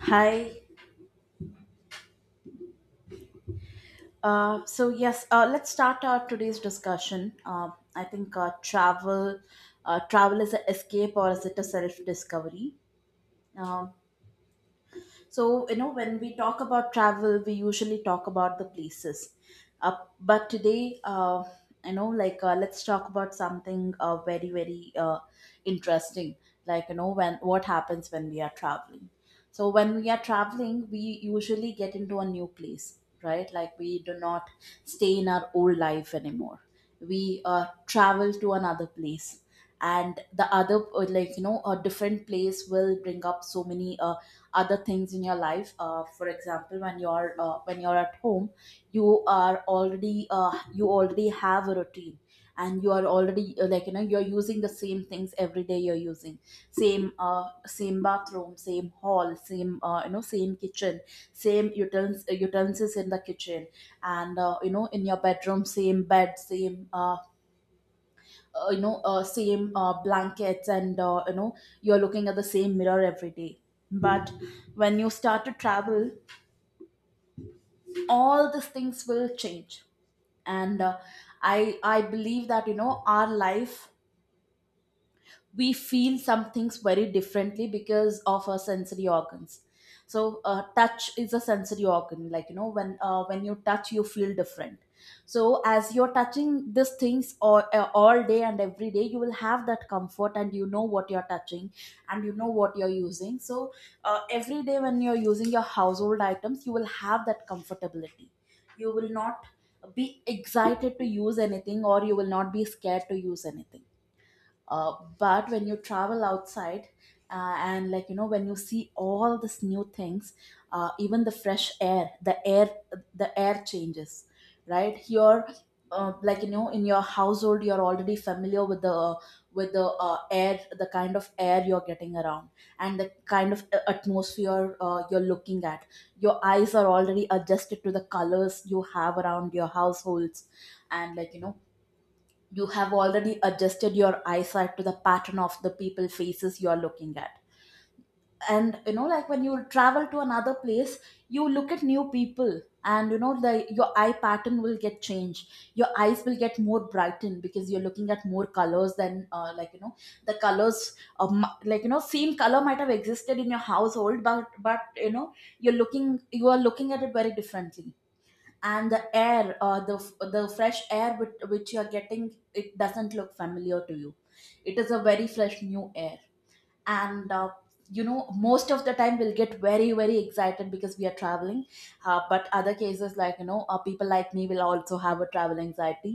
Hi. So yes, let's start our today's discussion. I think travel is an escape, or is it a self-discovery? Um So, when we talk about travel, we usually talk about the places. But today, let's talk about something very, very interesting. Like, when what happens when we are traveling. So, when we are traveling, we usually get into a new place, right? Like, we do not stay in our old life anymore. We travel to another place, and the other like, a different place will bring up so many other things in your life. For example, when you're at home, you already have a routine, and you are already like, you're using the same things every day. You're using same bathroom, same hall, same you know same kitchen, same utensils in the kitchen, and in your bedroom, same bed, same blankets, and you're looking at the same mirror every day. But when you start to travel, all these things will change. And I believe that, our life, we feel some things very differently because of our sensory organs. So touch is a sensory organ. Like, when you touch, you feel different. So, as you're touching these things all day and every day, you will have that comfort, and you know what you're touching, and you know what you're using. So every day, when you're using your household items, you will have that comfortability. You will not be excited to use anything, or you will not be scared to use anything. uh, but when you travel outside, and, like, when you see all these new things, even the fresh air, the air changes right here. Like, in your household, you're already familiar with the air, the kind of air you're getting around, and the kind of atmosphere you're looking at. Your eyes are already adjusted to the colors you have around your households. And, like, you have already adjusted your eyesight to the pattern of the people faces you are looking at. And, like, when you travel to another place, you look at new people, and you know the your eye pattern will get changed. Your eyes will get more brightened, because you're looking at more colors than, like, the colors of, like, same color might have existed in your household, but, you are looking at it very differently. And the air, the fresh air which you are getting, it doesn't look familiar to you. It is a very fresh new air. And most of the time we'll get very, very excited, because we are traveling. But, other cases, like, people like me will also have a travel anxiety.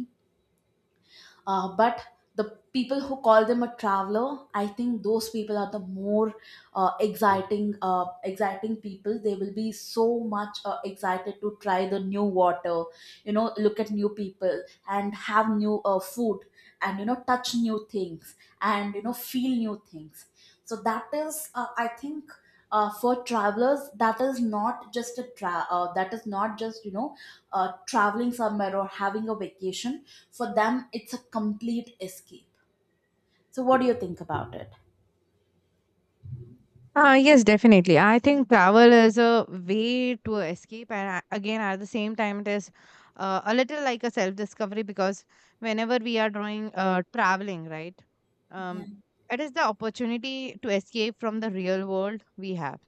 But the people who call them a traveler, I think those people are the more exciting people. They will be so much excited to try the new water, look at new people, and have new food, and touch new things, and feel new things. So that is, I think, for travelers, that is not just that is not just, traveling somewhere or having a vacation; for them it's a complete escape. So, what do you think about it? Yes, definitely. I think travel is a way to escape, and again, at the same time, it is a little like a self discovery because whenever we are doing traveling, right, Yeah, um, it is the opportunity to escape from the real world we have.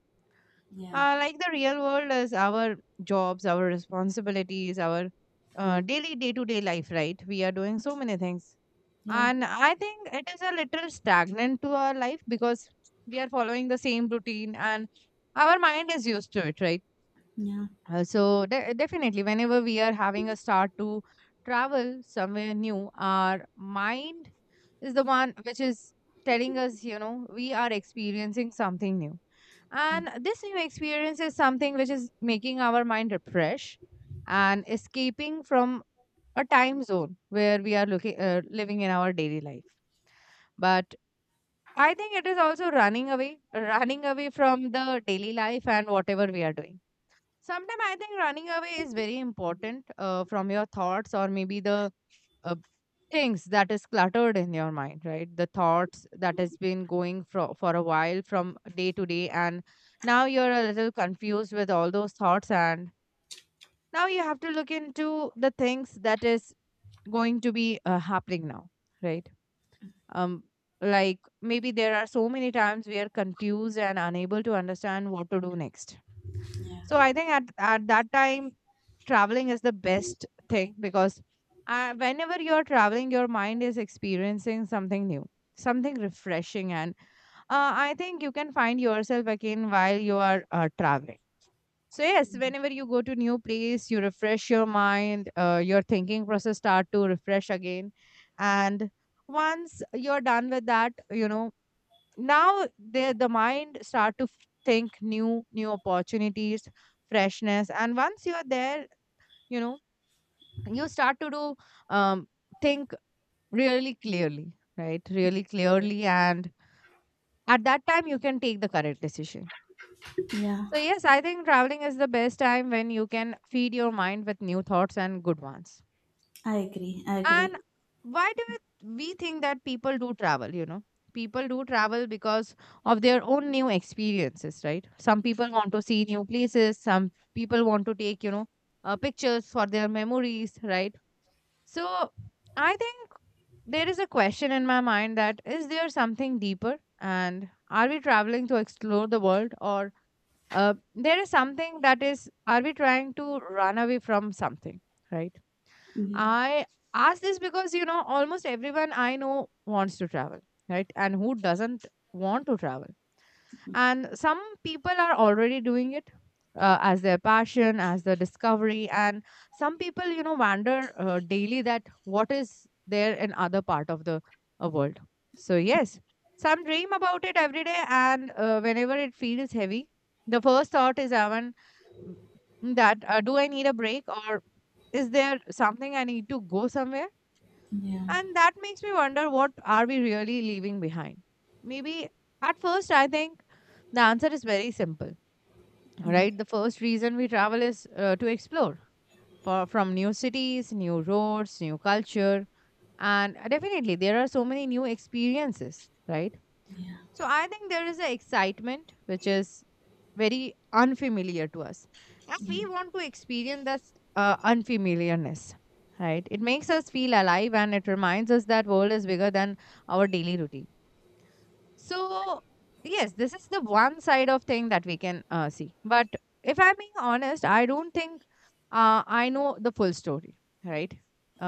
yeah, Like the real world is our jobs, our responsibilities, our daily day to day life, right? We are doing so many things yeah, and I think it is a little stagnant to our life because we are following the same routine and our mind is used to it, right? yeah. So, definitely, whenever we are having a start to travel somewhere new, our mind is the one which is telling us, we are experiencing something new. Mm. And this new experience is something which is making our mind refresh and escaping from a time zone where we are looking, living in our daily life, but I think it is also running away from the daily life and whatever we are doing. Sometimes I think running away is very important from your thoughts, or maybe the uh, things that is cluttered in your mind, right? The thoughts that has been going for a while from day to day. And now you're a little confused with all those thoughts. And now you have to look into the things that is going to be happening now, right? um like maybe there are so many times we are confused and unable to understand what to do next. Yeah, So I think at that time traveling is the best thing, because whenever you're traveling your mind is experiencing something new, something refreshing, and I think you can find yourself again while you are traveling. So yes, whenever you go to new place, you refresh your mind, your thinking process start to refresh again, and once you're done with that, now the mind start to think new opportunities, freshness, and once you're there, you know you start to do um, think really clearly, right? Really clearly, and at that time you can take the correct decision. yeah. So, yes, I think traveling is the best time when you can feed your mind with new thoughts and good ones. I agree. I And agree. why do we think that people do travel? People do travel because of their own new experiences, right? Some people want to see new places, some people want to take, pictures for their memories, right? So, I think there is a question in my mind, that is there something deeper? And are we traveling to explore the world, or there is something that is, are we trying to run away from something, right? Yeah, I ask this because almost everyone I know wants to travel, right? And who doesn't want to travel? And some people are already doing it as their passion, as their discovery, and some people wonder daily that what is there in other part of the world. So yes, some dream about it every day, and whenever it feels heavy, the first thought is m- that do I need a break, or is there something I need to go somewhere? yeah. And that makes me wonder, what are we really leaving behind? Maybe at first, I think the answer is very simple, Mm. right? The first reason we travel is to explore from new cities, new roads, new culture. And definitely, there are so many new experiences, right? Yeah, So I think there is an excitement which is very unfamiliar to us. And we want to experience that unfamiliarness, right? It makes us feel alive and it reminds us that world is bigger than our daily routine. So yes, this is the one side of thing that we can see. But if I'm being honest, I don't think I know the full story, right?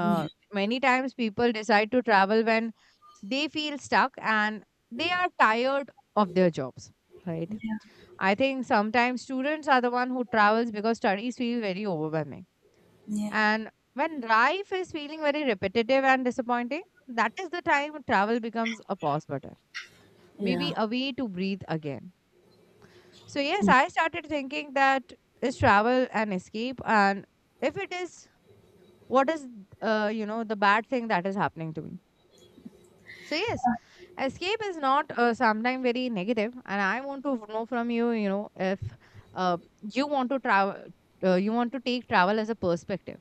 yeah, Many times people decide to travel when they feel stuck and they are tired of their jobs, right? yeah, I think sometimes students are the one who travels because studies feel very overwhelming. yeah, And when life is feeling very repetitive and disappointing, that is the time travel becomes a pause button, maybe a way to breathe again. So, yes, yeah. I started thinking that is travel an escape, and if it is, what is the bad thing that is happening to me? So yes, escape is not sometimes very negative, and I want to know from you, you know if uh, you want to travel, you want to take travel as a perspective,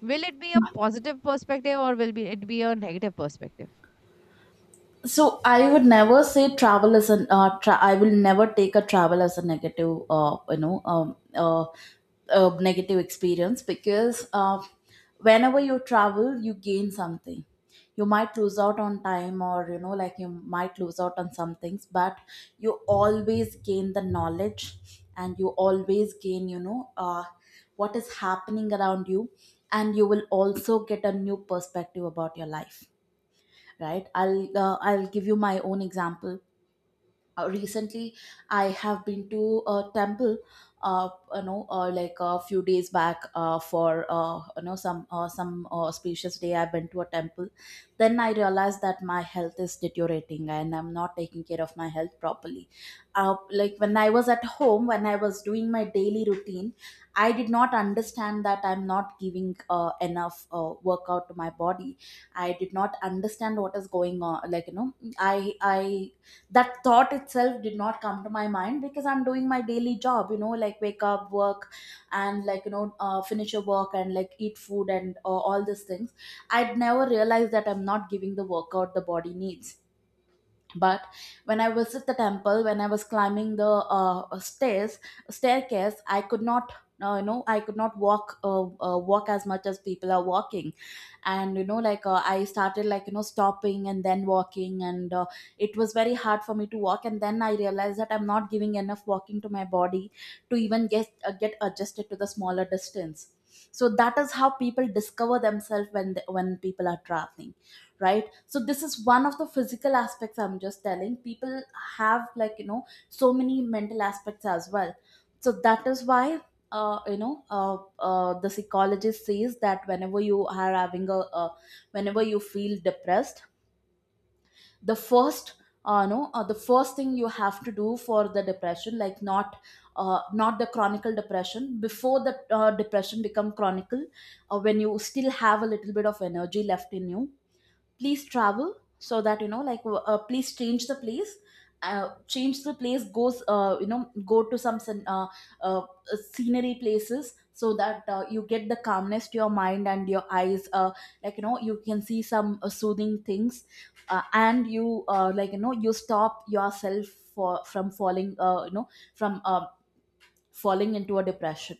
will it be a positive perspective, or will be it be a negative perspective? so I would never say travel as an tra- I will never take a travel as a negative negative experience, because whenever you travel, you gain something. You might lose out on time, or, like, you might lose out on some things, but you always gain the knowledge, and you always gain, what is happening around you. And you will also get a new perspective about your life, right? I'll give you my own example. Recently, I have been to a temple. uh, like, a few days back, for some some auspicious day, I went to a temple. Then I realized that my health is deteriorating and I'm not taking care of my health properly. uh, like, when I was at home, when I was doing my daily routine, I did not understand that I'm not giving enough workout to my body. I did not understand what is going on. Like, I I that thought itself did not come to my mind, because I'm doing my daily job, like, wake up, work, and, like, finish your work, and, like, eat food, and all these things. I'd never realized that I'm not giving the workout the body needs. But when I visit the temple, when I was climbing the stairs staircase, I could not you know I could not walk, walk as much as people are walking. And, like, I started, like, stopping and then walking, and it was very hard for me to walk, and then I realized that I'm not giving enough walking to my body, to even get adjusted to the smaller distance. So that is how people discover themselves, when people are traveling, right? So this is one of the physical aspects I'm just telling. People have, like, so many mental aspects as well. So that is why the psychologist says that, whenever you are having a whenever you feel depressed, the first no the first thing you have to do for the depression, like, not the chronic depression, before the depression become chronic, when you still have a little bit of energy left in you, please travel. So that, like, please change the place. Change the place, goes you know go to some uh, scenery places, so that you get the calmness to your mind, and your eyes, like, you can see some soothing things. And you like, you stop yourself for from falling into a depression.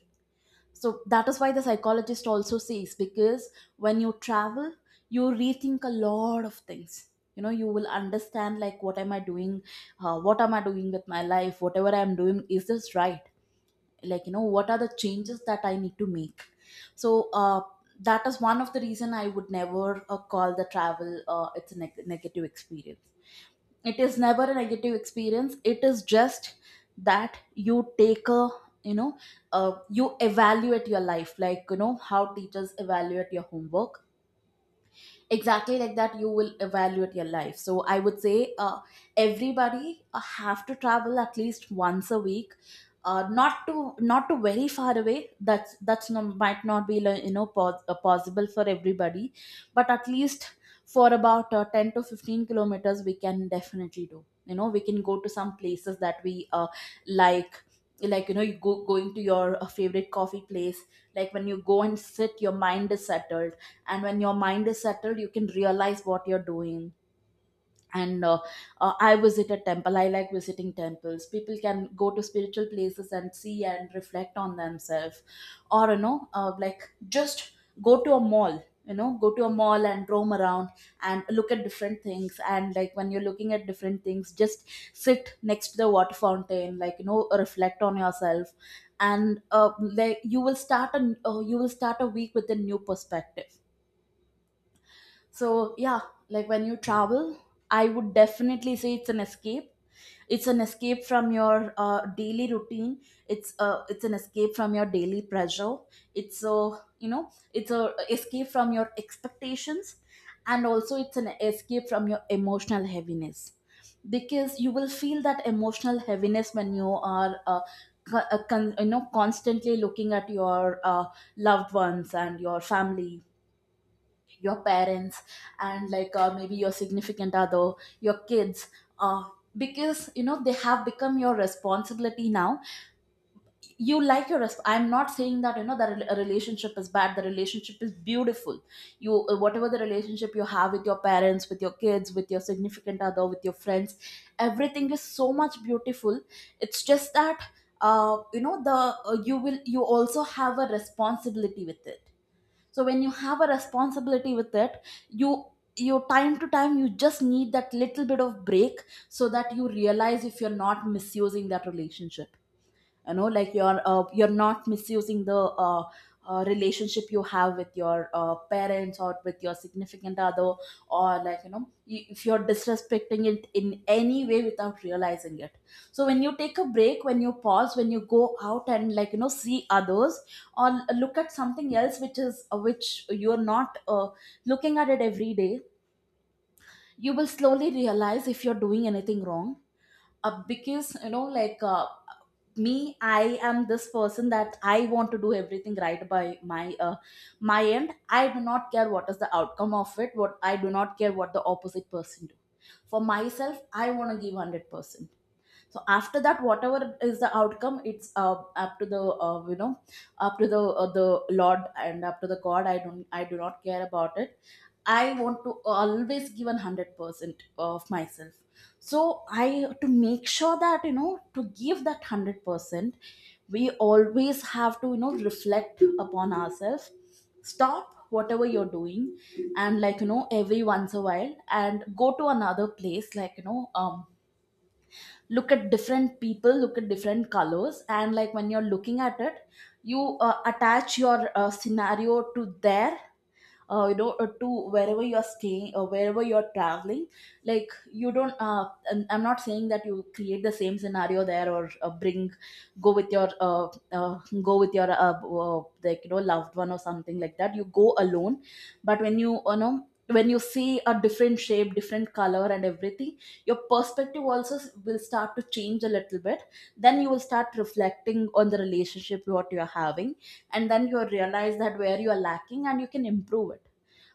So that is why the psychologist also says, because when you travel, you rethink a lot of things. You will understand, like, what am I doing with my life, whatever I'm doing, is this right? Like, what are the changes that I need to make. So that is one of the reason I would never call the travel, it's a negative experience. It is never a negative experience. It is just that you know you evaluate your life, like, how teachers evaluate your homework. Exactly like that, you will evaluate your life. So I would say, everybody have to travel at least once a week. Not to very far away, that's, no, might not be, like, possible for everybody. But at least for about 10 to 15 kilometers we can definitely do. We can go to some places that we like like, you go going to your favorite coffee place. Like, when you go and sit, your mind is settled. And when your mind is settled, you can realize what you're doing. And I visit a temple, I like visiting temples. People can go to spiritual places and see and reflect on themselves. Or, like, just go to a mall. Go to a mall and roam around, and look at different things, and, like, when you're looking at different things, just sit next to the water fountain, like, reflect on yourself. And like, you will start a week with a new perspective. So yeah, like, when you travel, I would definitely say it's an escape. It's an escape from your daily routine. It's an escape from your daily pressure. It's a escape from your expectations, and also it's an escape from your emotional heaviness, because you will feel that emotional heaviness when you are. Constantly looking at your loved ones and your family, your parents, and like maybe your significant other, your kids. uh, because you know, they have become your responsibility now. You like your resp- I'm not saying that that a relationship is bad. The relationship is beautiful. You Whatever the relationship you have with your parents, with your kids, with your significant other, with your friends, everything is so much beautiful. It's just that, you know the you will you also have a responsibility with it. So when you have a responsibility with it, you you, time to time, you just need that little bit of break, so that you realize if you're not misusing that relationship. Like, you're not misusing the uh, relationship you have with your parents or with your significant other, or like if you're disrespecting it in any way without realizing it. So when you take a break, when you pause, when you go out and like see others, or look at something else which is which you're not looking at it every day, you will slowly realize if you're doing anything wrong. Because like, me, I am this person that I want to do everything right by my end. I do not care what is the outcome of it. What I do not care what the opposite person do. For myself, I want to give 100%. So after that, whatever is the outcome, it's up to the you know up to the lord, and up to the god. I do not care about it. I want to always give an 100% of myself. So I, to make sure that to give that 100%, we always have to reflect upon ourselves. Stop whatever you're doing, and like every once a while, and go to another place, like look at different people, look at different colors. And like when you're looking at it, you attach your scenario to there, to wherever you are staying or wherever you are traveling. Like you don't and I'm not saying that you create the same scenario there, or bring go with your uh, go with your loved one, or something like that. You go alone. But when you see a different shape, different color, and everything, your perspective also will start to change a little bit. Then you will start reflecting on the relationship what you are having, and then you realize that where you are lacking and you can improve it.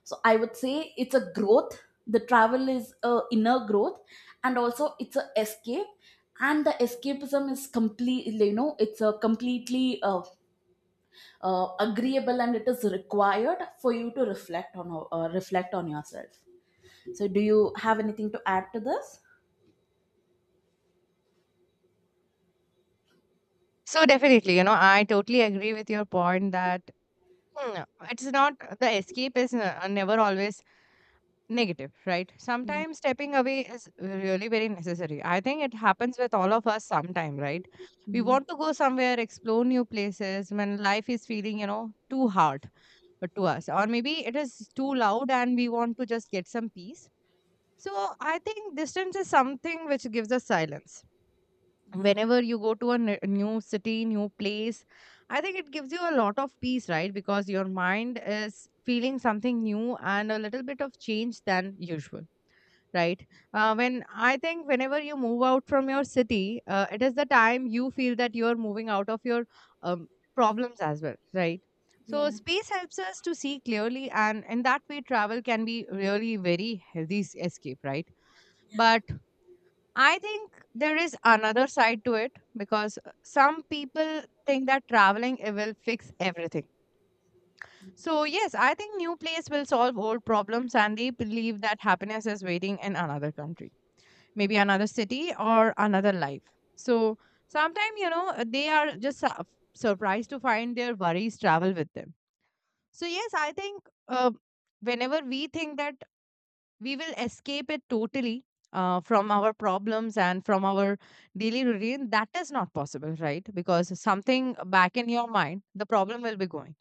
So I would say it's a growth. The travel is a inner growth, and also it's a escape. And the escapism is complete. It's a completely agreeable, and it is required for you to reflect on yourself. So, do you have anything to add to this? So definitely, I totally agree with your point that hmm, it's not, the escape is never always negative, right? Sometimes stepping away is really very necessary. I think it happens with all of us sometime, right? We Yeah, want to go somewhere, explore new places when life is feeling, too hard to us. Or maybe it is too loud and we want to just get some peace. So I think distance is something which gives us silence. yeah, Whenever you go to a new city, new place, I think it gives you a lot of peace, right? Because your mind is feeling something new and a little bit of change than usual, right? When I think whenever you move out from your city, it is the time you feel that you are moving out of your um, problems as well, right? So yeah, space helps us to see clearly, and in that way, travel can be really very healthy escape, right? yeah. But I think there is another side to it, because some people think that traveling it will fix everything. So yes, I think new place will solve old problems, and they believe that happiness is waiting in another country, maybe another city or another life. So sometimes, they are just surprised to find their worries travel with them. So, yes, I think whenever we think that we will escape it totally from our problems and from our daily routine, that is not possible, right? Because something back in your mind, the problem will be going.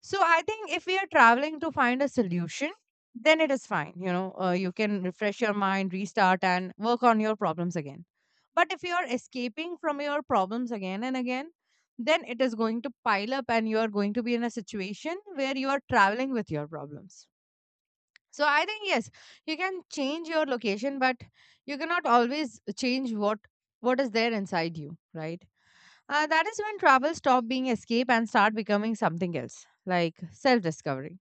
So, I think if we are traveling to find a solution, then it is fine. You can refresh your mind, restart, and work on your problems again. But if you are escaping from your problems again and again, then it is going to pile up and you are going to be in a situation where you are traveling with your problems. So I think yes, you can change your location, but you cannot always change what is there inside you, right? That is when travel stop being escape and start becoming something else, like self discovery.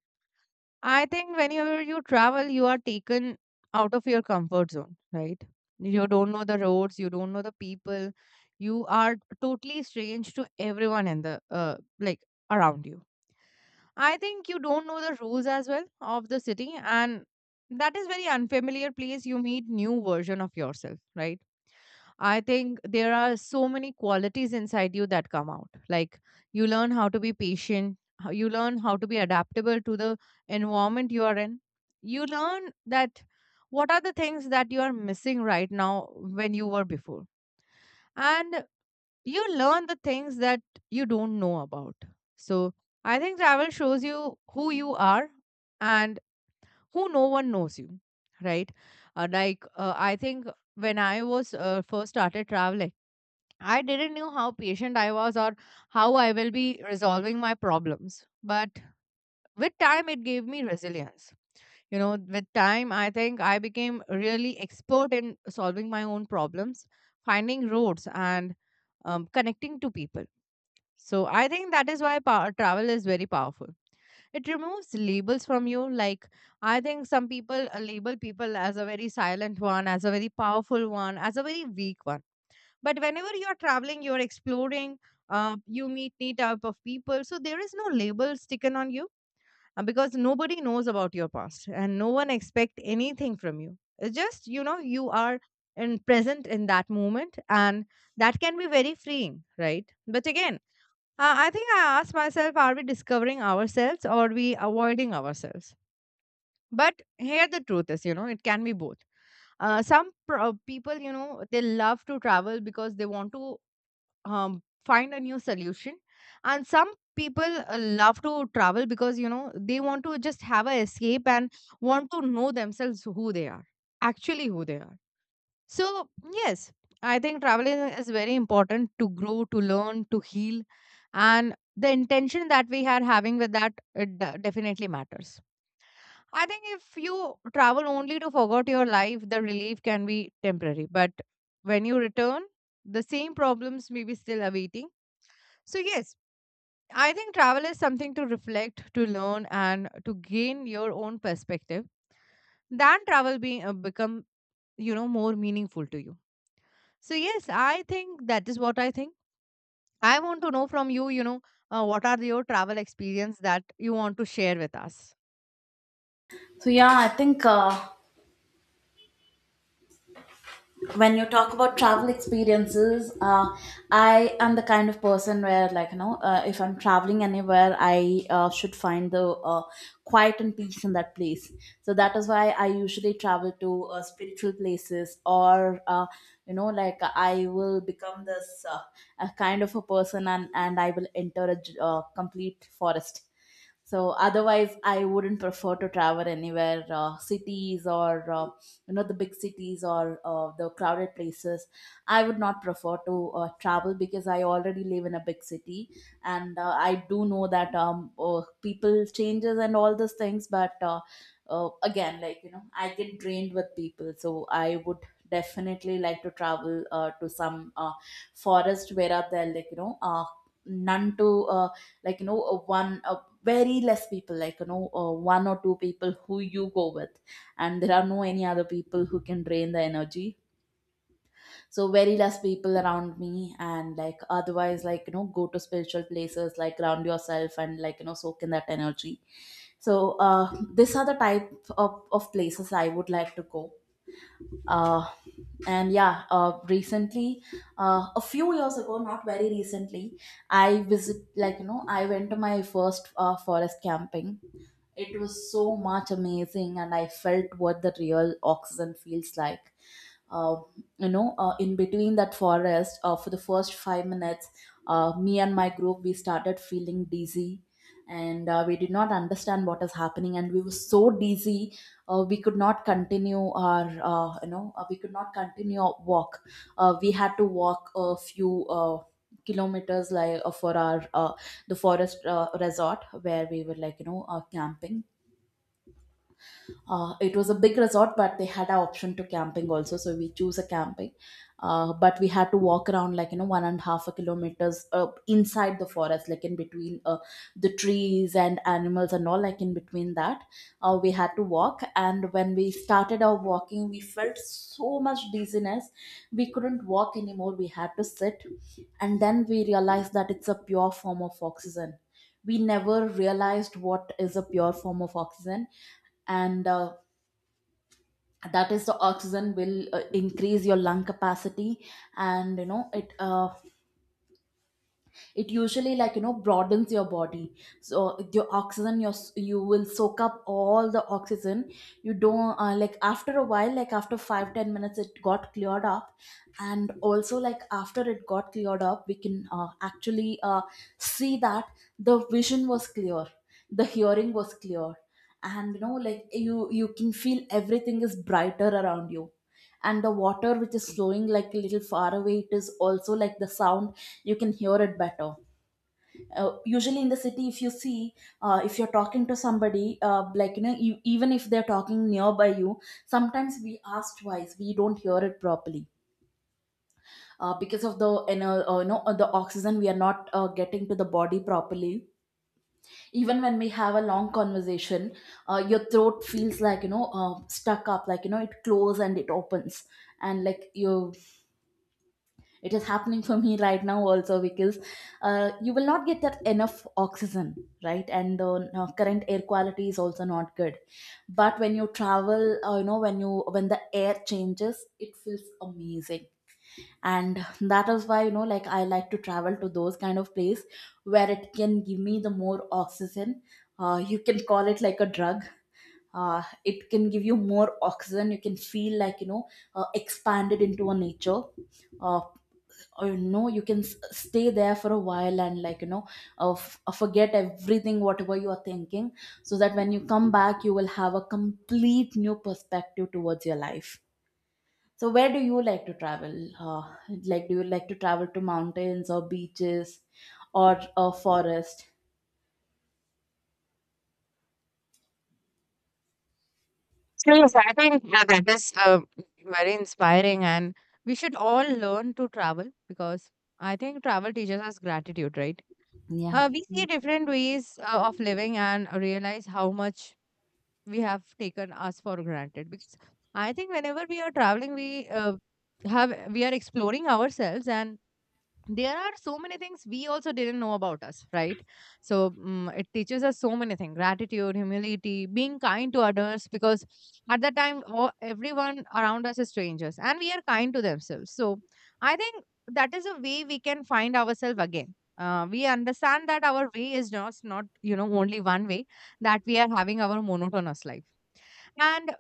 I think whenever you travel, you are taken out of your comfort zone, right? You don't know the roads, you don't know the people, you are totally strange to everyone in the like around you. I think you don't know the rules as well of the city, and that is very unfamiliar place. You meet new version of yourself, right? I think there are so many qualities inside you that come out. Like you learn how to be patient, you learn how to be adaptable to the environment you are in. You learn that what are the things that you are missing right now when you were before. And you learn the things that you don't know about. So I think travel shows you who you are and who no one knows you, right? Like I think when I was first started traveling, I didn't know how patient I was or how I will be resolving my problems. But with time, it gave me resilience. With time, I think I became really expert in solving my own problems, finding roads, and connecting to people. So I think that is why travel is very powerful. It removes labels from you. Like, I think some people label people as a very silent one, as a very powerful one, as a very weak one, but whenever you are traveling, you're exploring. You meet new type of people, so there is no label sticking on you because nobody knows about your past and no one expect anything from you. It's just you are in present in that moment, and that can be very freeing, right? But again, I think I ask myself, are we discovering ourselves or are we avoiding ourselves? But here the truth is, it can be both. People, they love to travel because they want to find a new solution, and some people love to travel because, they want to just have a escape and want to know themselves who they are, actually who they are. So yes, I think traveling is very important to grow, to learn, to heal, and the intention that we are having with that, it definitely matters. I think if you travel only to forget your life, the relief can be temporary, but when you return, the same problems may be still awaiting. So, yes, I think travel is something to reflect, to learn, and to gain your own perspective. Then travel being become, more meaningful to you. So, yes, I think that is what I think. I want to know from you, what are your travel experience that you want to share with us? So yeah, I think, when you talk about travel experiences, I am the kind of person where, like if I'm traveling anywhere, I should find the uh, quiet and peace in that place. So that is why I usually travel to spiritual places, or like I will become this a kind of a person, and I will enter a complete forest. So otherwise, I wouldn't prefer to travel anywhere, cities, or uh, the big cities, or the crowded places. I would not prefer to travel, because I already live in a big city. And I do know that, people changes and all those things, but again, like I get drained with people. So I would definitely like to travel to some forest where are there, like none to, uh, one, very less people, like one or two people who you go with, and there are no any other people who can drain the energy. So very less people around me, and like otherwise, like go to spiritual places, like ground yourself, and like soak in that energy. So these are the type of places I would like to go. uh and yeah, recently, a few years ago, not very recently, I visit like you know I went to my first forest camping. It was so much amazing, and I felt what the real oxygen feels like. Uh, in between that forest, for the first 5 minutes, me and my group, we started feeling dizzy, and we did not understand what is happening, and we were so dizzy, we could not continue our, we could not continue our walk. We had to walk a few kilometers, like for our the forest resort where we were, like camping. It was a big resort, but they had an option to camping also, so we choose a camping, but we had to walk around, like 1.5 kilometers inside the forest, like in between the trees and animals and all, like in between that, we had to walk. And when we started our walking, we felt so much dizziness. We couldn't walk anymore, we had to sit, and then we realized that it's a pure form of oxygen. We never realized what is a pure form of oxygen. And that is, the oxygen will increase your lung capacity, and you know, it usually, like broadens your body. So your oxygen your s- you will soak up all the oxygen. You don't Like after a while, like after 5-10 minutes, it got cleared up. And also, like after it got cleared up, we can actually see that the vision was clear, the hearing was clear, and you know, like you can feel everything is brighter around you. And the water which is flowing like a little far away, it is also, like the sound, you can hear it better. Usually in the city, if you see, if you're talking to somebody, you, even if they're talking nearby you, sometimes we ask twice, we don't hear it properly, because of the you know the oxygen we are not getting to the body properly. Even when we have a long conversation, your throat feels, like stuck up, like it closes and it opens. And like you It is happening for me right now also, because you will not get that enough oxygen, right? And the current air quality is also not good. But when you travel, when the air changes, it feels amazing, and that is why, like I like to travel to those kind of place where it can give me the more oxygen. You can call it like a drug. It can give you more oxygen. You can feel, like expanded into a nature, uh, you can stay there for a while, and like forget everything, whatever you are thinking, so that when you come back, you will have a complete new perspective towards your life. So where do you like to travel? Like, do you like to travel to mountains or beaches, or a forest? So, yes, I think that is very inspiring, and we should all learn to travel, because I think travel teaches us gratitude, right? Yeah, We see different ways of living and realize how much we have taken us for granted, because I think whenever we are traveling, we have we are exploring ourselves, and there are so many things we also didn't know about us, right? So it teaches us so many things: gratitude, humility, being kind to others, because at that time everyone around us is strangers and we are kind to themselves. So I think that is a way we can find ourselves again. We understand that our way is just not, only one way that we are having our monotonous life. And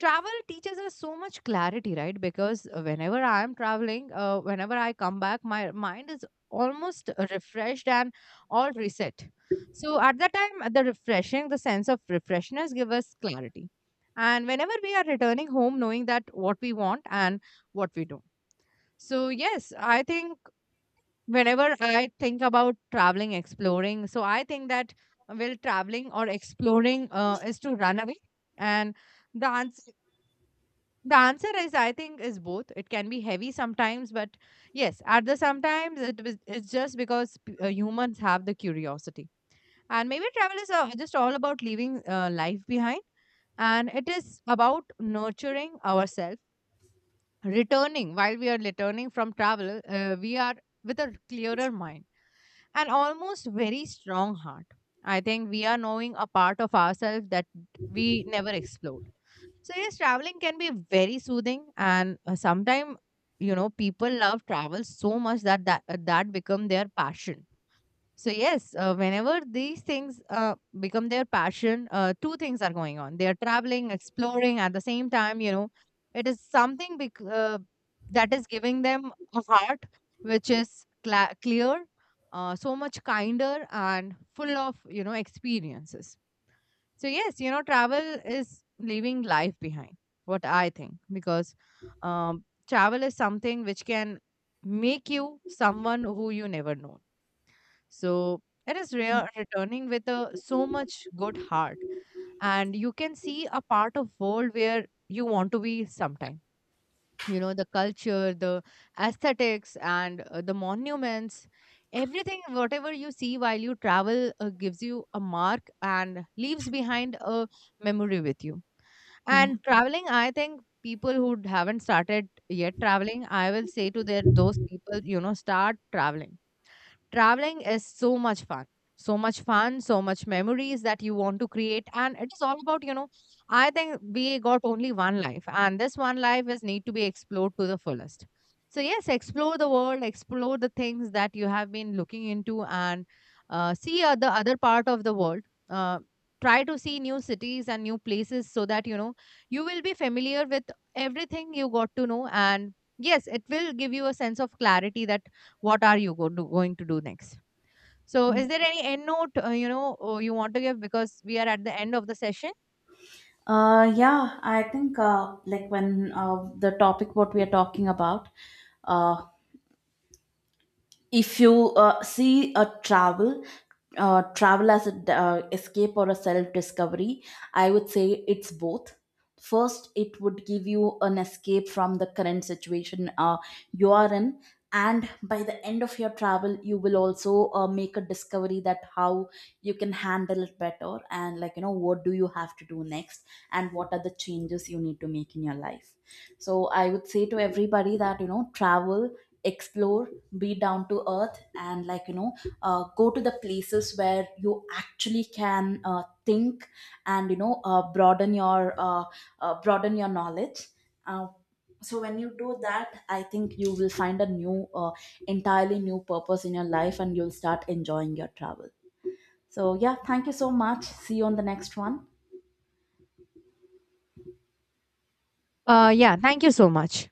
travel teaches us so much clarity, right? Because whenever I am traveling, whenever I come back, my mind is almost refreshed and all reset. So at that time, the refreshing, the sense of refreshness give us clarity. And whenever we are returning home, knowing that what we want and what we don't. So yes, I think whenever I think about traveling, exploring, so I think that, well, traveling or exploring is to run away, and the answer the answer is, I think, is both. It can be heavy sometimes, but yes, at the sometimes it was, it's just because humans have the curiosity, and maybe travel is just all about leaving life behind, and it is about nurturing ourselves, returning, while we are returning from travel, we are with a clearer mind and almost very strong heart. I think we are knowing a part of ourselves that we never explored. So yes, traveling can be very soothing, and sometimes, people love travel so much that that become their passion. So yes, whenever these things become their passion, two things are going on. They are traveling, exploring at the same time. You know, it is something that is giving them a heart which is cla clear, so much kinder and full of, experiences. So yes, you know, travel is leaving life behind, what I think, because travel is something which can make you someone who you never know. So it is rare returning with a so much good heart, and you can see a part of world where you want to be sometime. You know, the culture, the aesthetics, and the monuments, everything whatever you see while you travel gives you a mark and leaves behind a memory with you. yeah, And traveling, I think people who haven't started yet traveling, I will say to their those people, you know, start traveling. Traveling is so much fun. So much fun, so much memories that you want to create. And it is all about, you know, I think we got only one life, and this one life is need to be explored to the fullest. So, yes, explore the world, explore the things that you have been looking into, and see the other part of the world. Uh, Try to see new cities and new places so that, you know, you will be familiar with everything you got to know. And yes, it will give you a sense of clarity that what are you go do, going to do next. So is there any end note you want to give, because we are at the end of the session? Yeah. I think, like when, the topic what we are talking about, uh if you see a travel as an escape or a self discovery, I would say it's both. First, it would give you an escape from the current situation you are in, and by the end of your travel you will also make a discovery that how you can handle it better, and like what do you have to do next, and what are the changes you need to make in your life. So I would say to everybody that, travel, explore, be down to earth, and like go to the places where you actually can think, and you know, broaden your knowledge, uh, so when you do that, I think you will find a new entirely new purpose in your life, and you'll start enjoying your travel. So yeah, thank you so much. See you on the next one. Yeah, thank you so much.